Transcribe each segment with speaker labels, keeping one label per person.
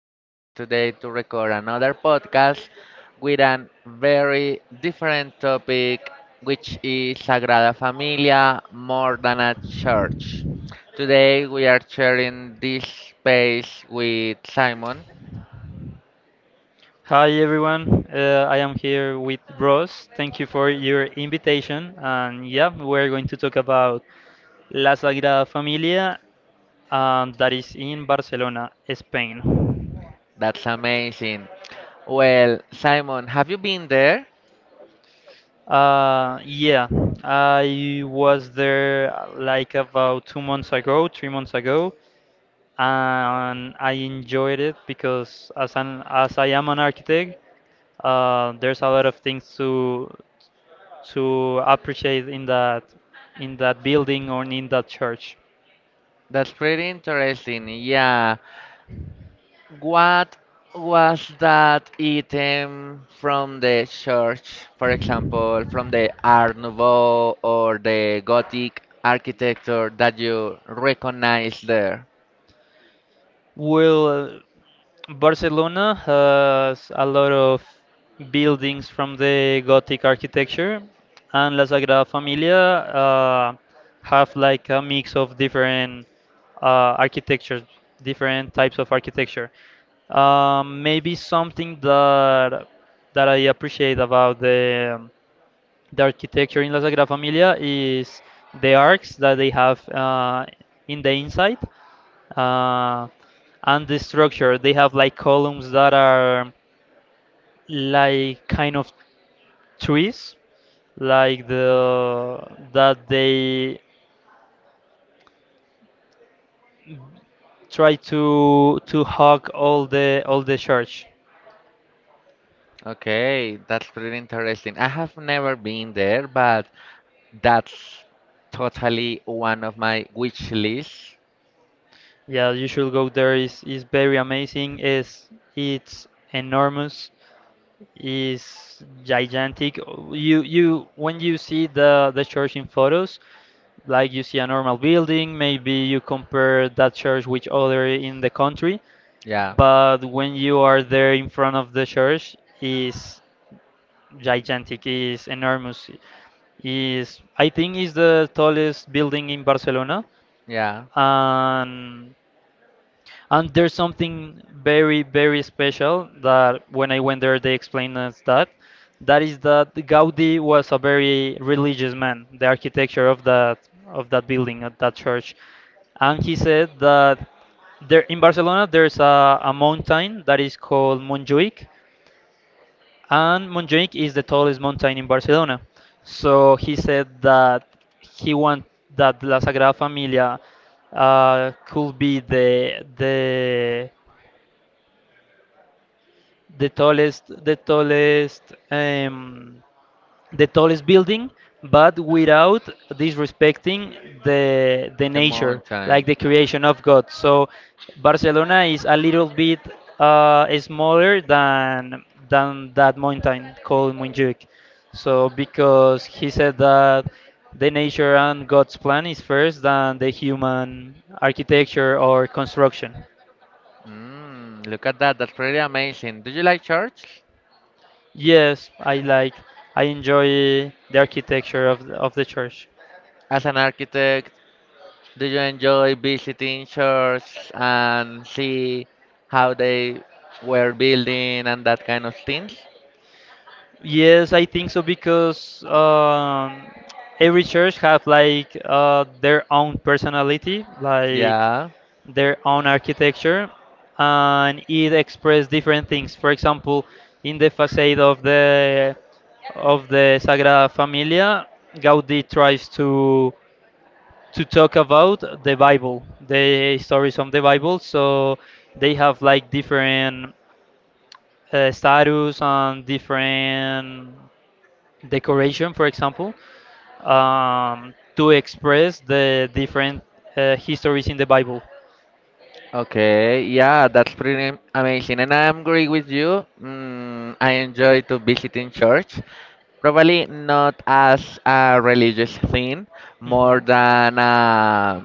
Speaker 1: We are here today to record another podcast with a very different topic, which is Sagrada Familia more than a church. Today, we are sharing this space with Simon.
Speaker 2: Hi everyone, I am here with Bros. Thank you for your invitation. And yeah, we're going to talk about La Sagrada Familia, that is in Barcelona, Spain.
Speaker 1: That's amazing. Well, Simon, have you been there?
Speaker 2: Yeah, I was there like about 2 months ago, 3 months ago, and I enjoyed it because as I am an architect, there's a lot of things to appreciate in that building or in that church.
Speaker 1: That's pretty interesting. Yeah. What was that item from the church, for example, from the Art Nouveau or the Gothic architecture that you recognize there?
Speaker 2: Well, Barcelona has a lot of buildings from the Gothic architecture, and La Sagrada Familia uh, have like a mix of different architectures, different types of architecture. Maybe something that I appreciate about um, the architecture in La Sagrada Familia is the arcs that they have in the inside uh, and the structure. They have like columns that are like kind of trees, like the that they try to hug all the church.
Speaker 1: Okay, that's pretty interesting. I have never been there, but that's totally one of my wish lists.
Speaker 2: Yeah, you should go there. Is very amazing. Is It's enormous. Is gigantic. You, when you see the church in photos, like you see a normal building, maybe you compare that church with other in the country,
Speaker 1: Yeah,
Speaker 2: but when you are there in front of the church, is gigantic, is enormous, is I think is the tallest building in Barcelona,
Speaker 1: yeah.
Speaker 2: and and there's something very, very special that when I went there, they explained us that. That is that Gaudi was a very religious man, the architecture of that building, of that church. And he said that there in Barcelona there's a mountain that is called Montjuic, and Montjuic is the tallest mountain in Barcelona. So he said that he want that La Sagrada Familia could be the tallest the tallest um, the tallest building but without disrespecting the
Speaker 1: The
Speaker 2: nature, like
Speaker 1: mountain.
Speaker 2: the creation of God. So Barcelona is a little bit smaller than that mountain called Montjuic. So because he said that the nature and God's plan is first than the human architecture or construction.
Speaker 1: Mm, look at that. That's really amazing. Do you like church?
Speaker 2: Yes, I like. I enjoy the architecture of the church.
Speaker 1: As an architect, do you enjoy visiting church and see how they were building and that kind of things?
Speaker 2: Yes, I think so because every church have like their own personality, like
Speaker 1: Yeah.
Speaker 2: their own architecture, and it express different things. For example, in the facade of the Sagrada Familia, Gaudi tries to talk about the Bible, the stories from the Bible. So they have like different status and different decoration, for example, to express the different histories in the Bible.
Speaker 1: Okay, yeah, that's pretty amazing, and I agree with you. Mm, I enjoy to visiting church, probably not as a religious thing, more than a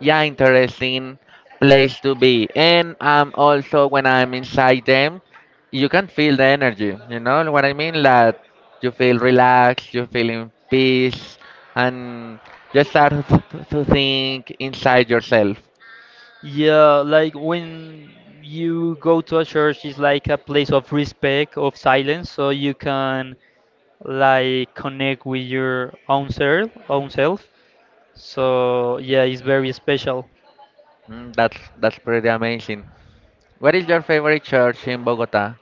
Speaker 1: yeah interesting place to be. And also when I'm inside them, you can feel the energy. You know what I mean? That you feel relaxed, you feel in peace, and just start to think inside yourself.
Speaker 2: Yeah, like when you go to a church, it's like a place of respect, of silence, so you can like connect with your own self, own self. So yeah, it's very special.
Speaker 1: Mm, that's pretty amazing. What is your favorite church in Bogota?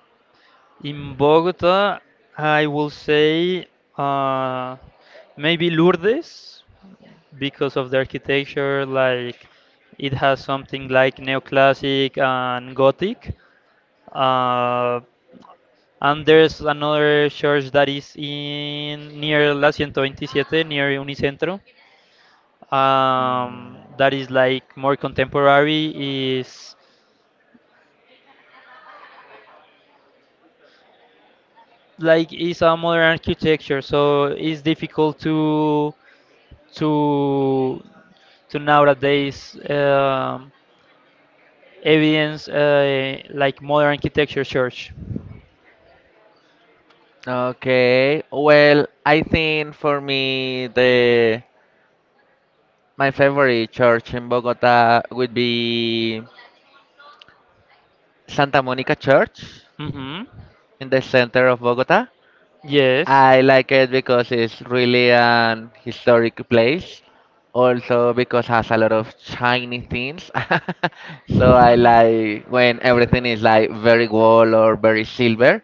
Speaker 2: In Bogota, I will say uh, maybe Lourdes because of the architecture, like it has something like neoclassic and Gothic. Uh, And there's another church that is in near La 127, near Unicentro.
Speaker 1: Mm,
Speaker 2: That is like more contemporary. Is like is a modern architecture, so it's difficult to to nowadays evidence like modern architecture church.
Speaker 1: okay, well, I think for me the my favorite church in Bogota would be Santa Monica Church
Speaker 2: Hmm.
Speaker 1: in the center of Bogota.
Speaker 2: Yes.
Speaker 1: I like it because it's really an historic place. Also because has a lot of shiny things. So I like when everything is like very gold or very silver.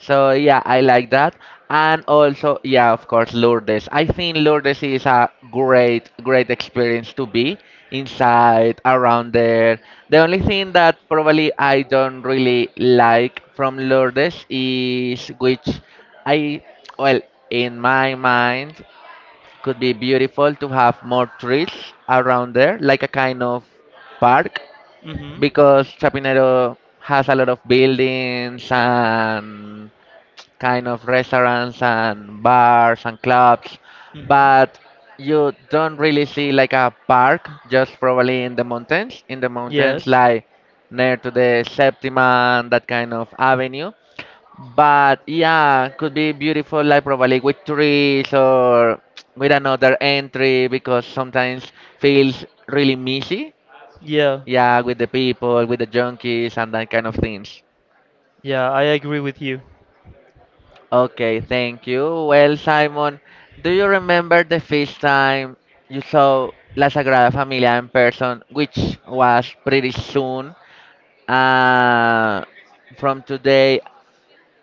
Speaker 1: So yeah, I like that. And also, yeah, of course, Lourdes. I think Lourdes is a great, great experience to be inside, around there. The only thing that probably I don't really like from Lourdes is which I, well, in my mind, could be beautiful to have more trees around there, like a kind of park
Speaker 2: Hmm.
Speaker 1: because Chapinero has a lot of buildings and kind of restaurants and bars and clubs,
Speaker 2: Hmm.
Speaker 1: but you don't really see like a park, just probably in the mountains
Speaker 2: Yes.
Speaker 1: like near to the Septima and that kind of avenue. But yeah, could be beautiful like probably with trees or with another entry because sometimes feels really messy.
Speaker 2: Yeah.
Speaker 1: Yeah, with the people, with the junkies and that kind of things.
Speaker 2: Yeah, I agree with you.
Speaker 1: Okay, thank you. Well, Simon, do you remember the first time you saw La Sagrada Familia in person, which was pretty soon uh, from today?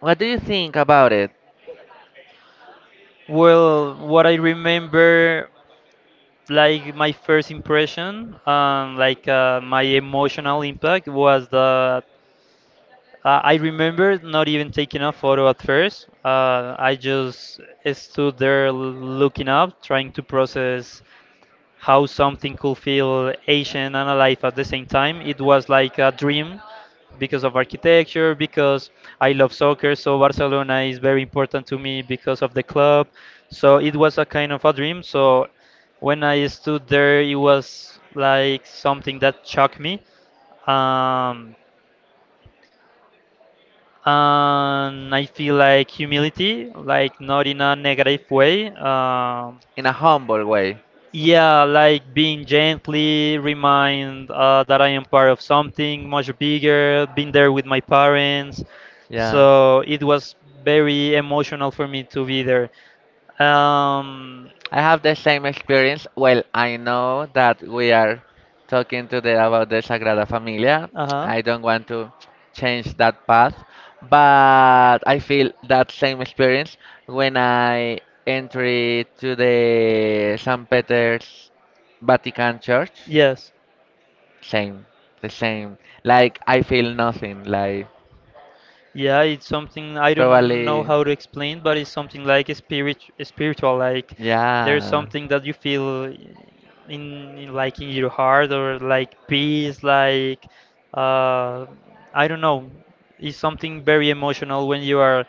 Speaker 1: What do you think about it
Speaker 2: Well, what I remember, like my first impression, like my emotional impact was that I remember not even taking a photo at first. I just stood there looking up, trying to process how something could feel ancient and alive at the same time. It was like a dream because of architecture, because I love soccer, so Barcelona is very important to me because of the club. So it was a kind of a dream. So when I stood there, it was like something that shocked me. Um, and I feel like humility, like not in a negative way. Um,
Speaker 1: in a humble way?
Speaker 2: yeah, like being gently remind that I am part of something much bigger, been there with my parents.
Speaker 1: Yeah.
Speaker 2: So it was very emotional for me to be there. Um.
Speaker 1: I have the same experience. Well, I know that we are talking today about the Sagrada Familia.
Speaker 2: Uh-huh.
Speaker 1: I don't want to change that path, but I feel that same experience when I entered to the St. Peter's Vatican Church.
Speaker 2: Yes.
Speaker 1: Same, the same. Like I feel nothing. Like
Speaker 2: Yeah, it's something I don't know
Speaker 1: probably,
Speaker 2: how to explain, but it's something like a spirit, spiritual. Like there's
Speaker 1: yeah
Speaker 2: something that you feel in like in your heart or like peace. Like uh, I don't know, it's something very emotional when you are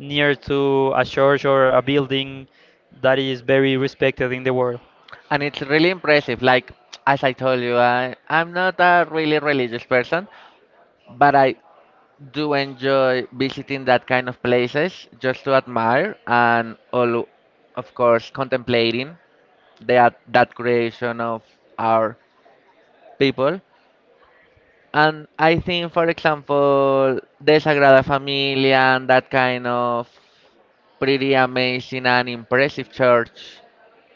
Speaker 2: near to a church or a building that is very respected in the world.
Speaker 1: and it's really impressive. Like as I told you, I'm not a really religious person, but I do enjoy visiting that kind of places just to admire and all, of course, contemplating that creation of our people. And I think, for example, the Sagrada Familia and that kind of pretty amazing and impressive church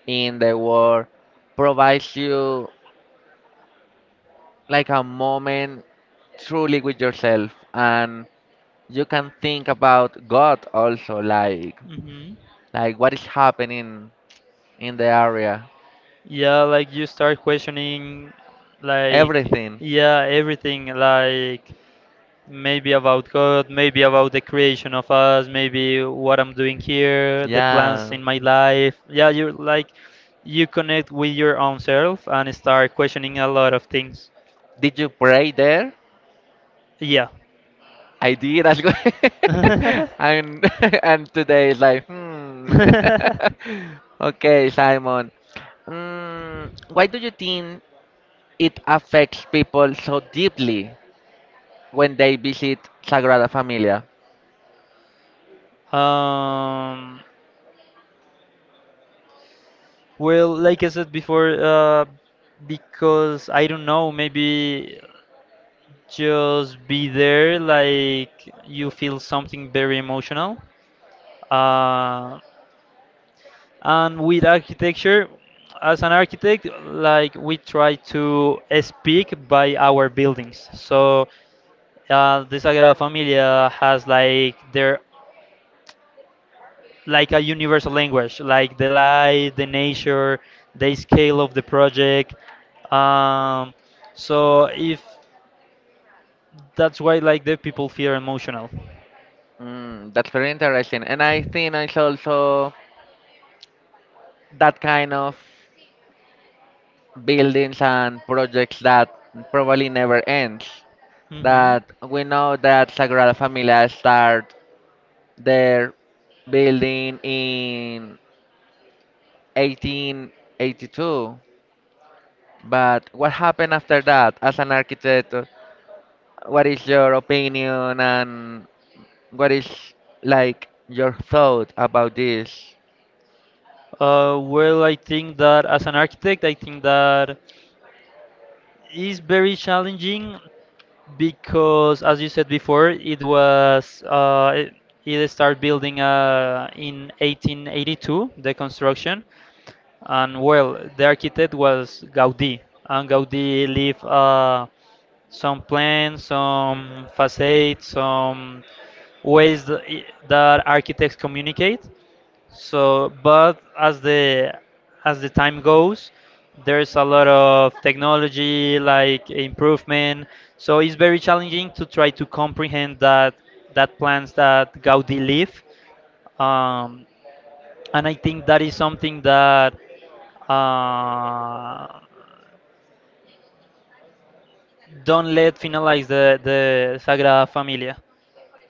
Speaker 1: in the world provides you like a moment truly with yourself and you can think about God also
Speaker 2: Hmm.
Speaker 1: like what is happening in the area
Speaker 2: Yeah, like you start questioning, like,
Speaker 1: everything
Speaker 2: yeah, everything. Like, maybe about God, maybe about the creation of us, maybe what I'm doing here, the plans
Speaker 1: yeah
Speaker 2: in my life. Yeah, you're like you connect with your own self and start questioning a lot of things.
Speaker 1: did you pray there?
Speaker 2: Yeah.
Speaker 1: I did as well. And and today is like hmm. Okay Simon, mm, why do you think it affects people so deeply when they visit Sagrada Familia?
Speaker 2: Um, well, like I said before, because I don't know, maybe just be there, like you feel something very emotional. Uh, and with architecture, as an architect, like we try to speak by our buildings. So the Sagrada Familia has like their like a universal language, like the light, the nature, the scale of the project. Um, so if that's why like the people feel emotional.
Speaker 1: Mm, that's very interesting. And I think it's also that kind of buildings and projects that probably never ends.
Speaker 2: Hmm.
Speaker 1: That we know that Sagrada Familia start their building in 1882. But what happened after that? As an architect, what is your opinion and what is like your thought about this?
Speaker 2: Well, I think that as an architect, I think that is very challenging because, as you said before, it started building in 1882 the construction, and well, the architect was Gaudí, and Gaudí leave some plans, some facades, some ways that architects communicate. So, but as the time goes, there's a lot of technology like improvement. So it's very challenging to try to comprehend that plans that Gaudí leave. Um, and I think that is something that uh, don't let finalize the Sagrada Familia.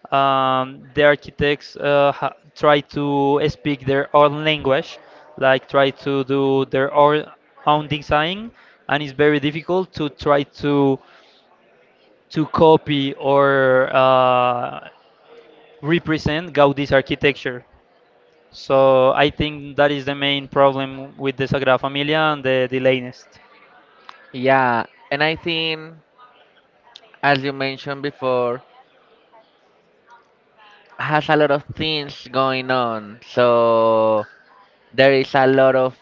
Speaker 2: The architects try to speak their own language, like try to do their own design, and it's very difficult to try to copy or represent Gaudi's architecture. So I think that is the main problem with the Sagrada Familia and the latest.
Speaker 1: Yeah, and I think as you mentioned before, has a lot of things going on. So there is a lot of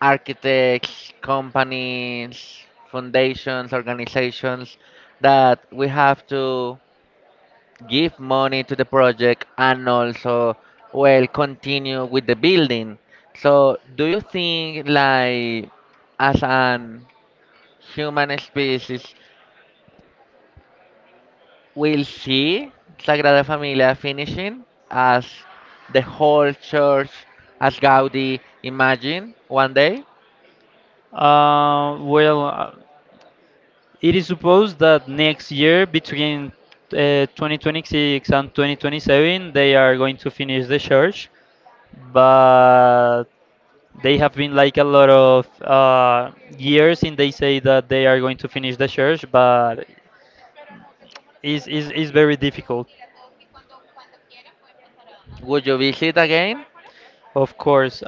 Speaker 1: architects, companies, foundations, organizations that we have to give money to the project and also well continue with the building. So do you think like as an Human species will see Sagrada Familia finishing as the whole church, as Gaudi imagined one day?
Speaker 2: Well, it is supposed that next year, between 2026 and 2027, they are going to finish the church, but they have been like a lot of years, and they say that they are going to finish the church, but it's very difficult,
Speaker 1: Would you visit again?
Speaker 2: of course.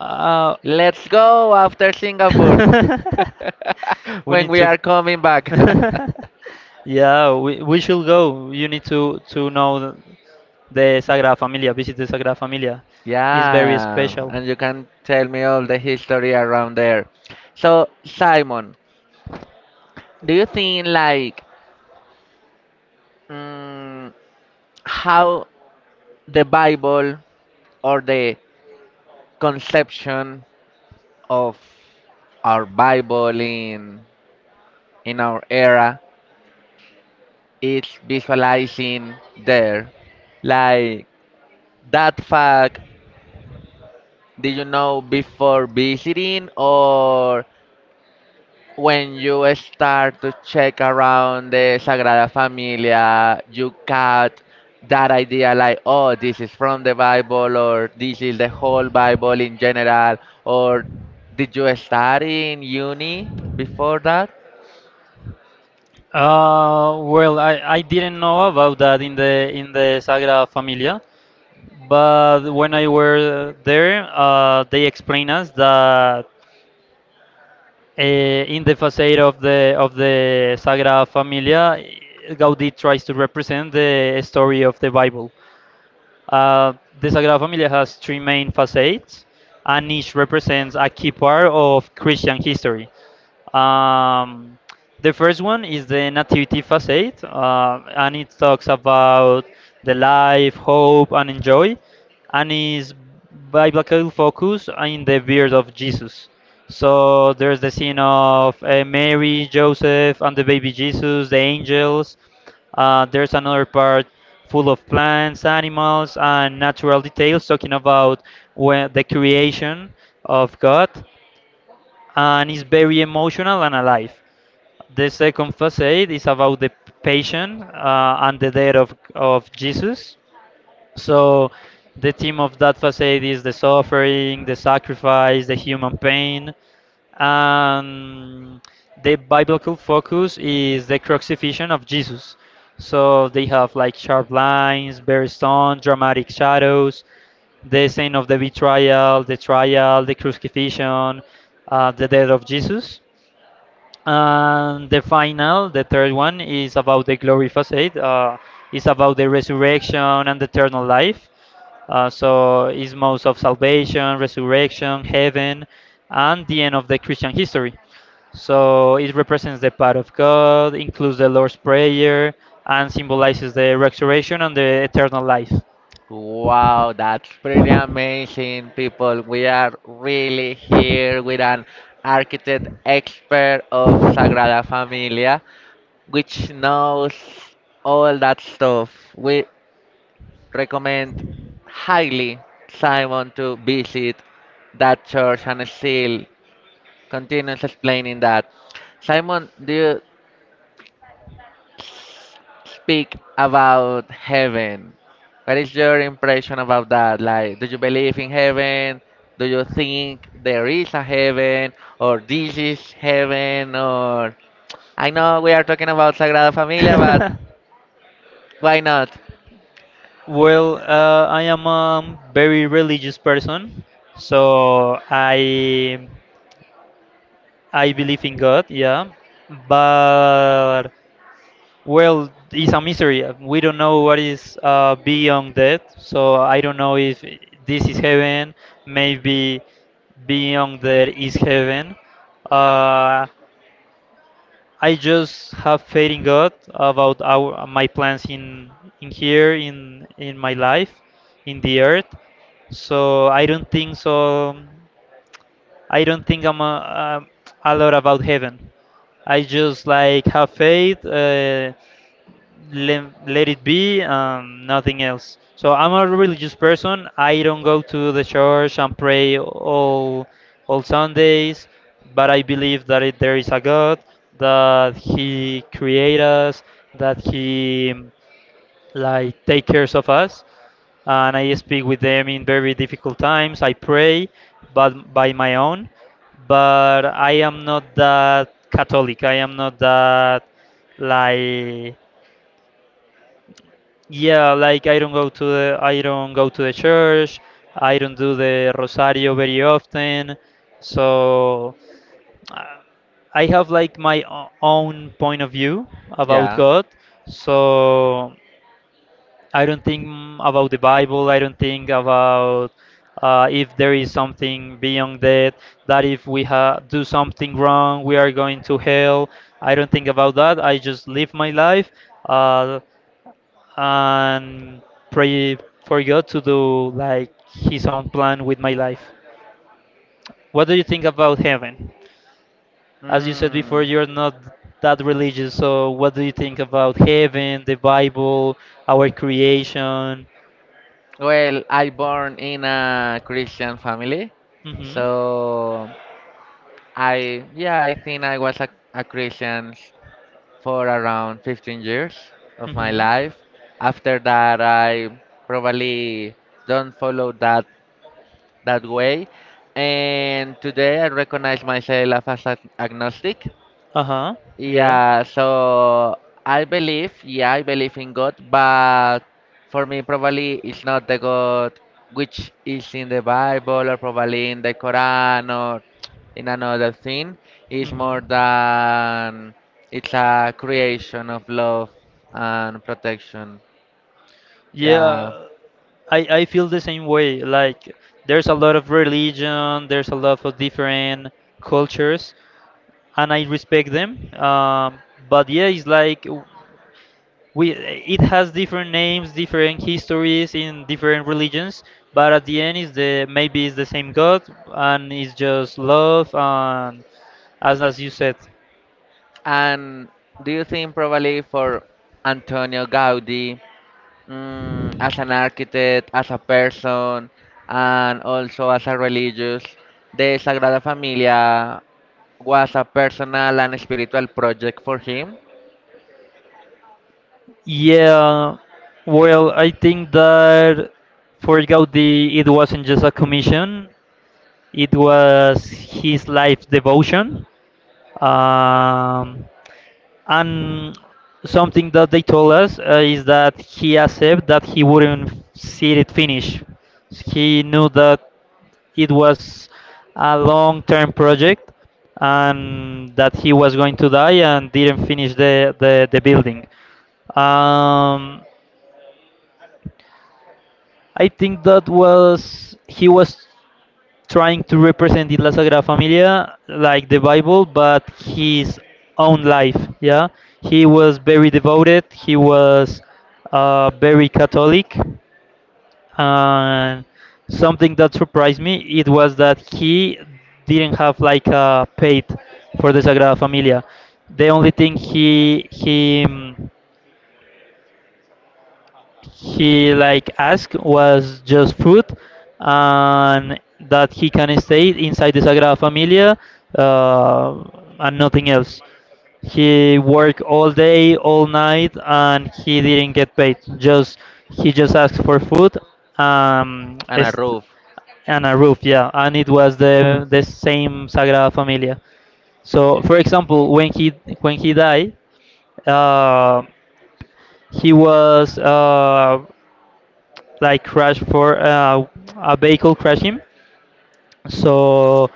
Speaker 2: Uh.
Speaker 1: Let's go after Singapore
Speaker 2: We
Speaker 1: when
Speaker 2: need
Speaker 1: we are
Speaker 2: to.
Speaker 1: coming back.
Speaker 2: Yeah, we should go. You need to know the Sagrada Familia. Visit the Sagrada Familia. It's very
Speaker 1: Yeah,
Speaker 2: special.
Speaker 1: and you can tell me all the history around there. So, Simon, do you think like mm, how the Bible or the conception of our Bible in our era is visualizing there. Like that fact, did you know before visiting or when you start to check around the Sagrada Familia, you got that idea like, oh, this is from the Bible or this is the whole Bible in general or did you study in uni before that?
Speaker 2: Well, I didn't know about that in the Sagrada Familia, but when I were there, they explained us that in the facade of the Sagrada Familia, Gaudí tries to represent the story of the Bible. Uh, the Sagrada Familia has 3 main facades, and each represents a key part of Christian history. Um, the first one is the Nativity Facade, and it talks about the life, hope, and enjoy, and is biblical focus in the birth of Jesus. So there's the scene of Mary, Joseph, and the baby Jesus, the angels. There's another part full of plants, animals, and natural details talking about when, the creation of God, and is very emotional and alive. The second facade is about the passion and the death of Jesus. So the theme of that facade is the suffering, the sacrifice, the human pain, and the biblical focus is the crucifixion of Jesus. So they have like sharp lines, very stone, dramatic shadows, the scene of the betrayal, the trial, the crucifixion, the death of Jesus. And the final, the third one, is about the glory facade. It's about the resurrection and eternal life. So it's most of salvation, resurrection, heaven, and the end of the Christian history. So it represents the path of God, includes the Lord's Prayer, and symbolizes the resurrection and the eternal life.
Speaker 1: Wow, that's pretty amazing, people. We are really here with an architect expert of Sagrada Familia, which knows all that stuff. We recommend highly Simon to visit that church and still continues explaining that. Simon, do you speak about heaven? What is your impression about that? Like, do you believe in heaven? Do you think there is a heaven? Or this is heaven? Or I know we are talking about Sagrada Familia, but why not?
Speaker 2: Well, I am a very religious person, so I believe in God, yeah. But well, it's a mystery. We don't know what is beyond that, so I don't know if this is heaven. Maybe beyond there is heaven. Uh, I just have faith in God about our my plans in here in my life, in the earth. So I don't think so. I don't think I'm a lot about heaven. I just like have faith. Let it be nothing else. So I'm a religious person, I don't go to the church and pray all Sundays, but I believe that it, there is a God, that he created us, that he like take cares of us, and I speak with them in very difficult times, I pray, but by my own. But I am not that Catholic, I am not that like, yeah, like I don't go to the I don't go to the church. I don't do the rosario very often. So uh, I have like my own point of view about
Speaker 1: Yeah.
Speaker 2: God. So I don't think about the Bible. I don't think about if there is something beyond that. That if do something wrong, we are going to hell. I don't think about that. I just live my life. Uh, and pray for God to do like His own plan with my life. What do you think about heaven? As you said before,
Speaker 1: Mm.
Speaker 2: you're not that religious, so what do you think about heaven, the Bible, our creation?
Speaker 1: Well, I born in a Christian family,
Speaker 2: Hmm.
Speaker 1: so I yeah, I think I was a Christian for around 15 years of my
Speaker 2: Hmm.
Speaker 1: life. After that, I probably don't follow that way, and today I recognize myself as agnostic.
Speaker 2: Uh huh. Yeah.
Speaker 1: Yeah, so I believe, yeah, I believe in God, but for me, probably it's not the God which is in the Bible or probably in the Quran or in another thing. It's more
Speaker 2: Hmm.
Speaker 1: than it's a creation of love and protection. Yeah.
Speaker 2: Yeah, I feel the same way. Like, there's a lot of religion, there's a lot of different cultures, and I respect them. But yeah, it's like we it has different names, different histories in different religions, but at the end is the, maybe it's the same god, and it's just love and as you said.
Speaker 1: And do you think probably for Antonio Gaudi? Mm, as an architect, as a person, and also as a religious, the Sagrada Familia was a personal and spiritual project for him
Speaker 2: Yeah, well, I think that for Gaudi it wasn't just a commission, it was his life devotion. um, And something that they told us is that he accepted that he wouldn't see it finish. He knew that it was a long-term project and that he was going to die and didn't finish the building. Um, I think that was, he was trying to represent in La Sagrada Familia like the Bible, but his own life. Yeah, he was very devoted. He was very Catholic, and something that surprised me, it was that he didn't have like a faith for the Sagrada Familia. The only thing he he like asked was just food and that he can stay inside the Sagrada Familia, uh, and nothing else. He worked all day, all night, and he didn't get paid. Just he just asked for food, um,
Speaker 1: and a
Speaker 2: est-
Speaker 1: roof.
Speaker 2: and a roof, yeah. And it was the same Sagrada Familia. So, for example, when he died, uh, he was like crash for a vehicle crashed him. So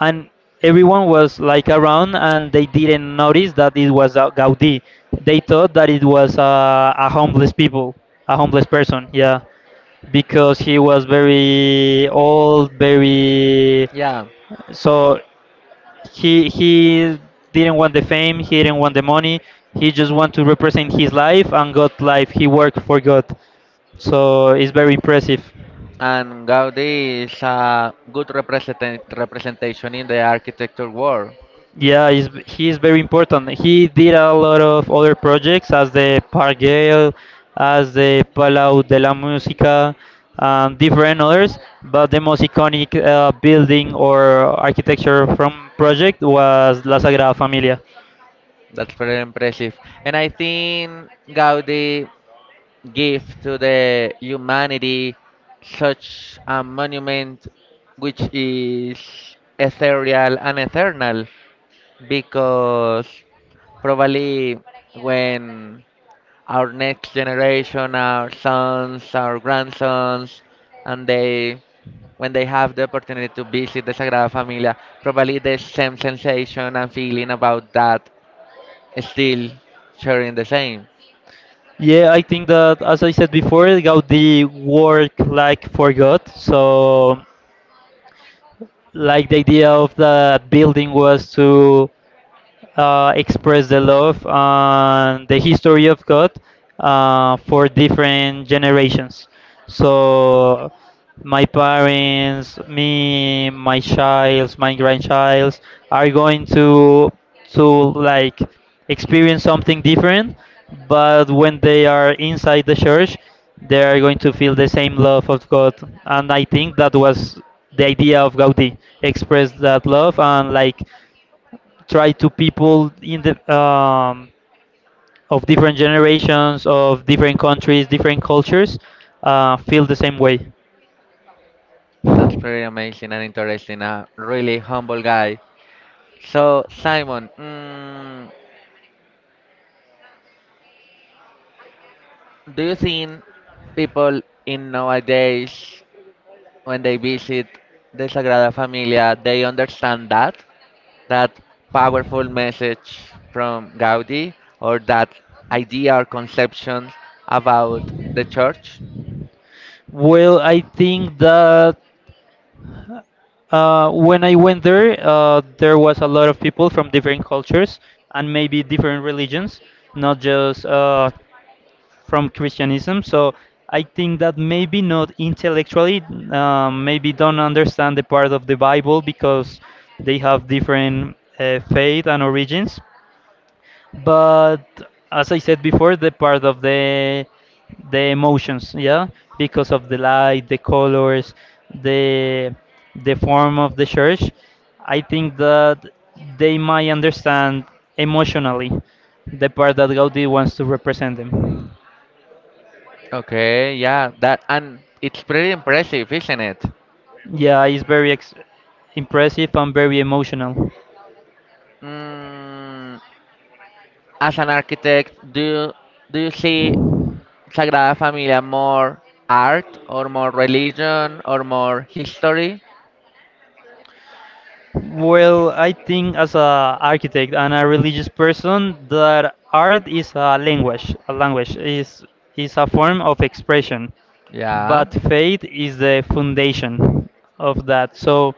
Speaker 2: and everyone was like around and they didn't notice that it was Gaudi. They thought that it was a homeless person. Yeah, because he was very old, very,
Speaker 1: Yeah.
Speaker 2: so he didn't want the fame, he didn't want the money. He just want to represent his life and God life. He worked for God, so it's very impressive.
Speaker 1: And Gaudi is a good representation in the architecture world.
Speaker 2: Yeah, he is very important. He did a lot of other projects as the Pargale, as the Palau de la Música, and different others. But the most iconic building or architecture from project was La Sagrada Familia.
Speaker 1: That's very impressive. And I think Gaudi give to the humanity such a monument which is ethereal and eternal because probably when our next generation our sons our grandsons and they when they have the opportunity to visit the Sagrada Familia, probably the same sensation and feeling about that, still sharing the same.
Speaker 2: Yeah, I think that as I said before, Gaudi work like for God. So, like the idea of that building was to express the love and the history of God for different generations. So my parents, me, my child, my grandchild are going to like experience something different, but when they are inside the church, they are going to feel the same love of God. And I think that was the idea of Gaudi, express that love and like try to people in the of different generations, of different countries, different cultures, feel the same way.
Speaker 1: That's pretty amazing and interesting. A really humble guy. So, Simon, mm, do you think people in nowadays, when they visit the Sagrada Familia, they understand that? That powerful message from Gaudi or that idea or conception about the church?
Speaker 2: Well, I think that when I went there, there was a lot of people from different cultures and maybe different religions, not just from Christianism. So I think that maybe not intellectually, maybe don't understand the part of the Bible because they have different faith and origins, but as I said before, the part of the emotions, yeah, because of the light, the colors, the the form of the church, I think that they might understand emotionally the part that Gaudi wants to represent them.
Speaker 1: Okay, yeah, that and it's pretty impressive, isn't it?
Speaker 2: Yeah, it's impressive and very emotional.
Speaker 1: Mm, as an architect, do you see Sagrada Familia more art or more religion or more history?
Speaker 2: Well, I think as a architect and a religious person that art is a language. Is a form of expression,
Speaker 1: Yeah,
Speaker 2: but faith is the foundation of that. So,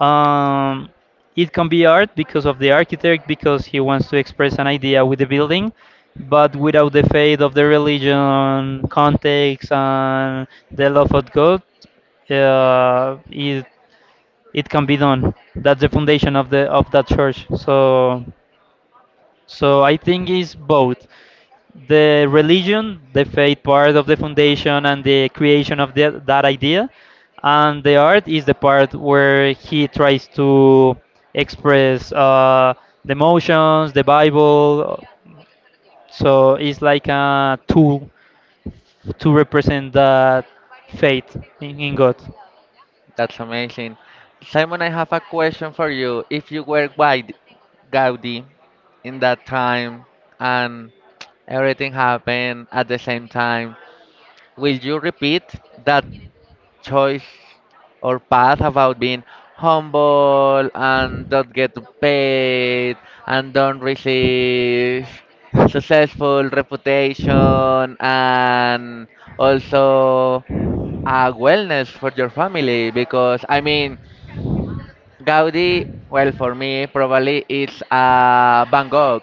Speaker 2: um, it can be art because of the architect because he wants to express an idea with the building, but without the faith of the religion, context, and the love of God, uh, it it can be done. That's the foundation of the of that church. So I think it's both, the religion, the faith part of the foundation and the creation of that idea, and the art is the part where he tries to express the emotions, the Bible. So it's like a tool to represent that faith in God.
Speaker 1: that's amazing. Simon, I have a question for you. If you were Gaudi in that time and everything happened at the same time, will you repeat that choice or path about being humble and don't get paid and don't receive successful reputation and also a wellness for your family because I mean Gaudi well for me probably it's a Van Gogh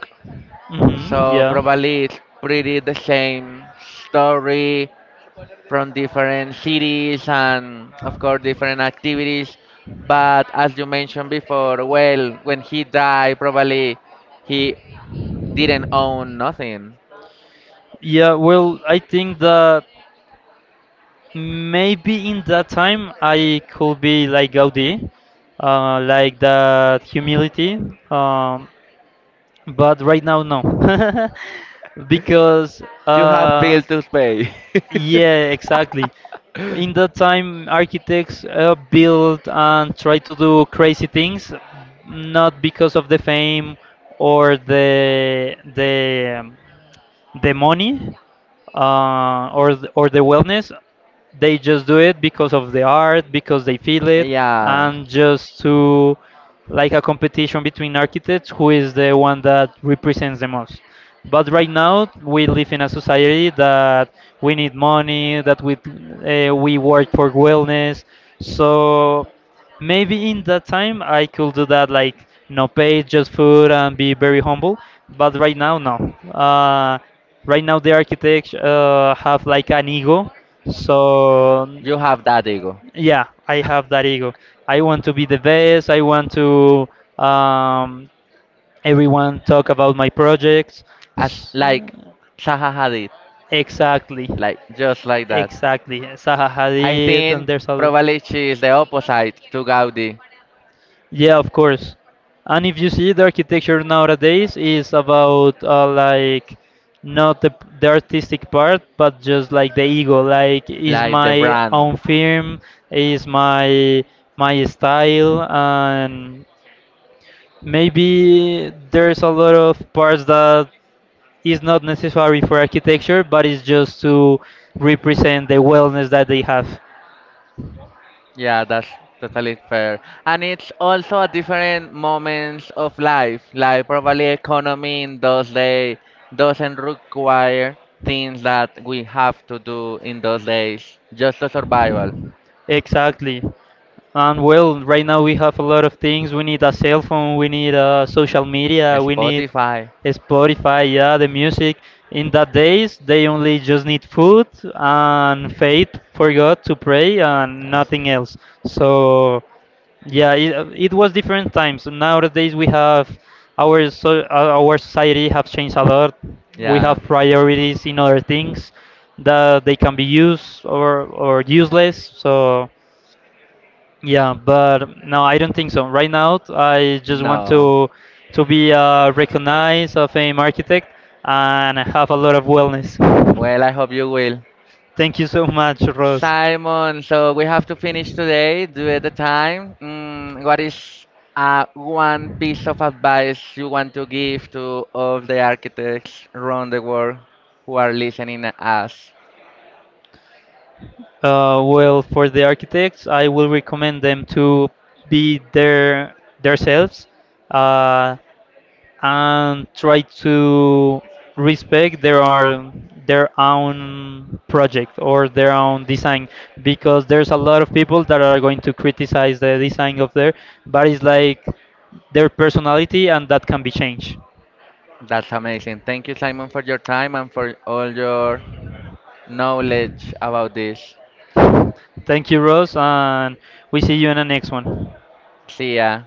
Speaker 2: Hmm.
Speaker 1: so
Speaker 2: Yeah.
Speaker 1: probably it's pretty the same story from different cities and, of course, different activities. But as you mentioned before, well, when he died, probably he didn't own nothing.
Speaker 2: Yeah, well, I think that maybe in that time I could be like Gaudi, like that humility. Um, but right now no. Because
Speaker 1: You have
Speaker 2: uh,
Speaker 1: bills to pay.
Speaker 2: yeah, exactly. In that time architects built and tried to do crazy things, not because of the fame or the money, or the wellness. They just do it because of the art, because they feel it,
Speaker 1: Yeah.
Speaker 2: and just to like a competition between architects, who is the one that represents the most. But right now we live in a society that we need money, that we work for wellness. So maybe in that time I could do that, like no pay, just food, and be very humble. But right now, no. Uh, right now, the architects have like an ego. So
Speaker 1: You have that ego.
Speaker 2: yeah, I have that ego. I want to be the best. I want to um, everyone talk about my projects.
Speaker 1: As
Speaker 2: S-
Speaker 1: like Zaha Hadid.
Speaker 2: Exactly,
Speaker 1: Like just like that.
Speaker 2: exactly. Zaha
Speaker 1: Is
Speaker 2: Hadid,
Speaker 1: think
Speaker 2: and there's
Speaker 1: interesting.
Speaker 2: a,
Speaker 1: Probably she is the opposite to Gaudi.
Speaker 2: yeah, of course. And if you see the architecture nowadays is about like not the artistic part, but just like the ego. Like, is
Speaker 1: Like the
Speaker 2: my
Speaker 1: brand.
Speaker 2: own firm, is my my style, and maybe there's a lot of parts that is not necessary for architecture, but it's just to represent the wellness that they have.
Speaker 1: Yeah, that's totally fair. And it's also at different moments of life. Like probably economy in those days doesn't require things that we have to do in those days. Just the survival.
Speaker 2: Exactly. And well, right now we have a lot of things. We need a cell phone, we need social media, we need
Speaker 1: Spotify.
Speaker 2: Spotify, yeah, the music. In that days, they only just need food and faith for God to pray and
Speaker 1: I
Speaker 2: nothing
Speaker 1: see.
Speaker 2: else. So yeah, it was different times. Nowadays we have our society have changed a lot. We have
Speaker 1: Yeah. Yeah.
Speaker 2: priorities in other things that they can be used or useless. So yeah, but no, I don't think so. Right now, I just want
Speaker 1: No.
Speaker 2: to be recognized of an architect and have a lot of wellness.
Speaker 1: Well, I hope you will.
Speaker 2: Thank you so much, Rose.
Speaker 1: Simon, so we have to finish today due at the time. Mm, what is one piece of advice you want to give to all the architects around the world who are listening us?
Speaker 2: Well, for the architects, I will recommend them to be their themselves. Uh, and try to respect their own project or their own design, because there's a lot of people that are going to criticize the design of their, but it's like their personality and that can be changed.
Speaker 1: That's amazing. Thank you, Simon, for your time and for all your knowledge about this.
Speaker 2: Thank you, Rose, and we see you in the next one.
Speaker 1: See ya.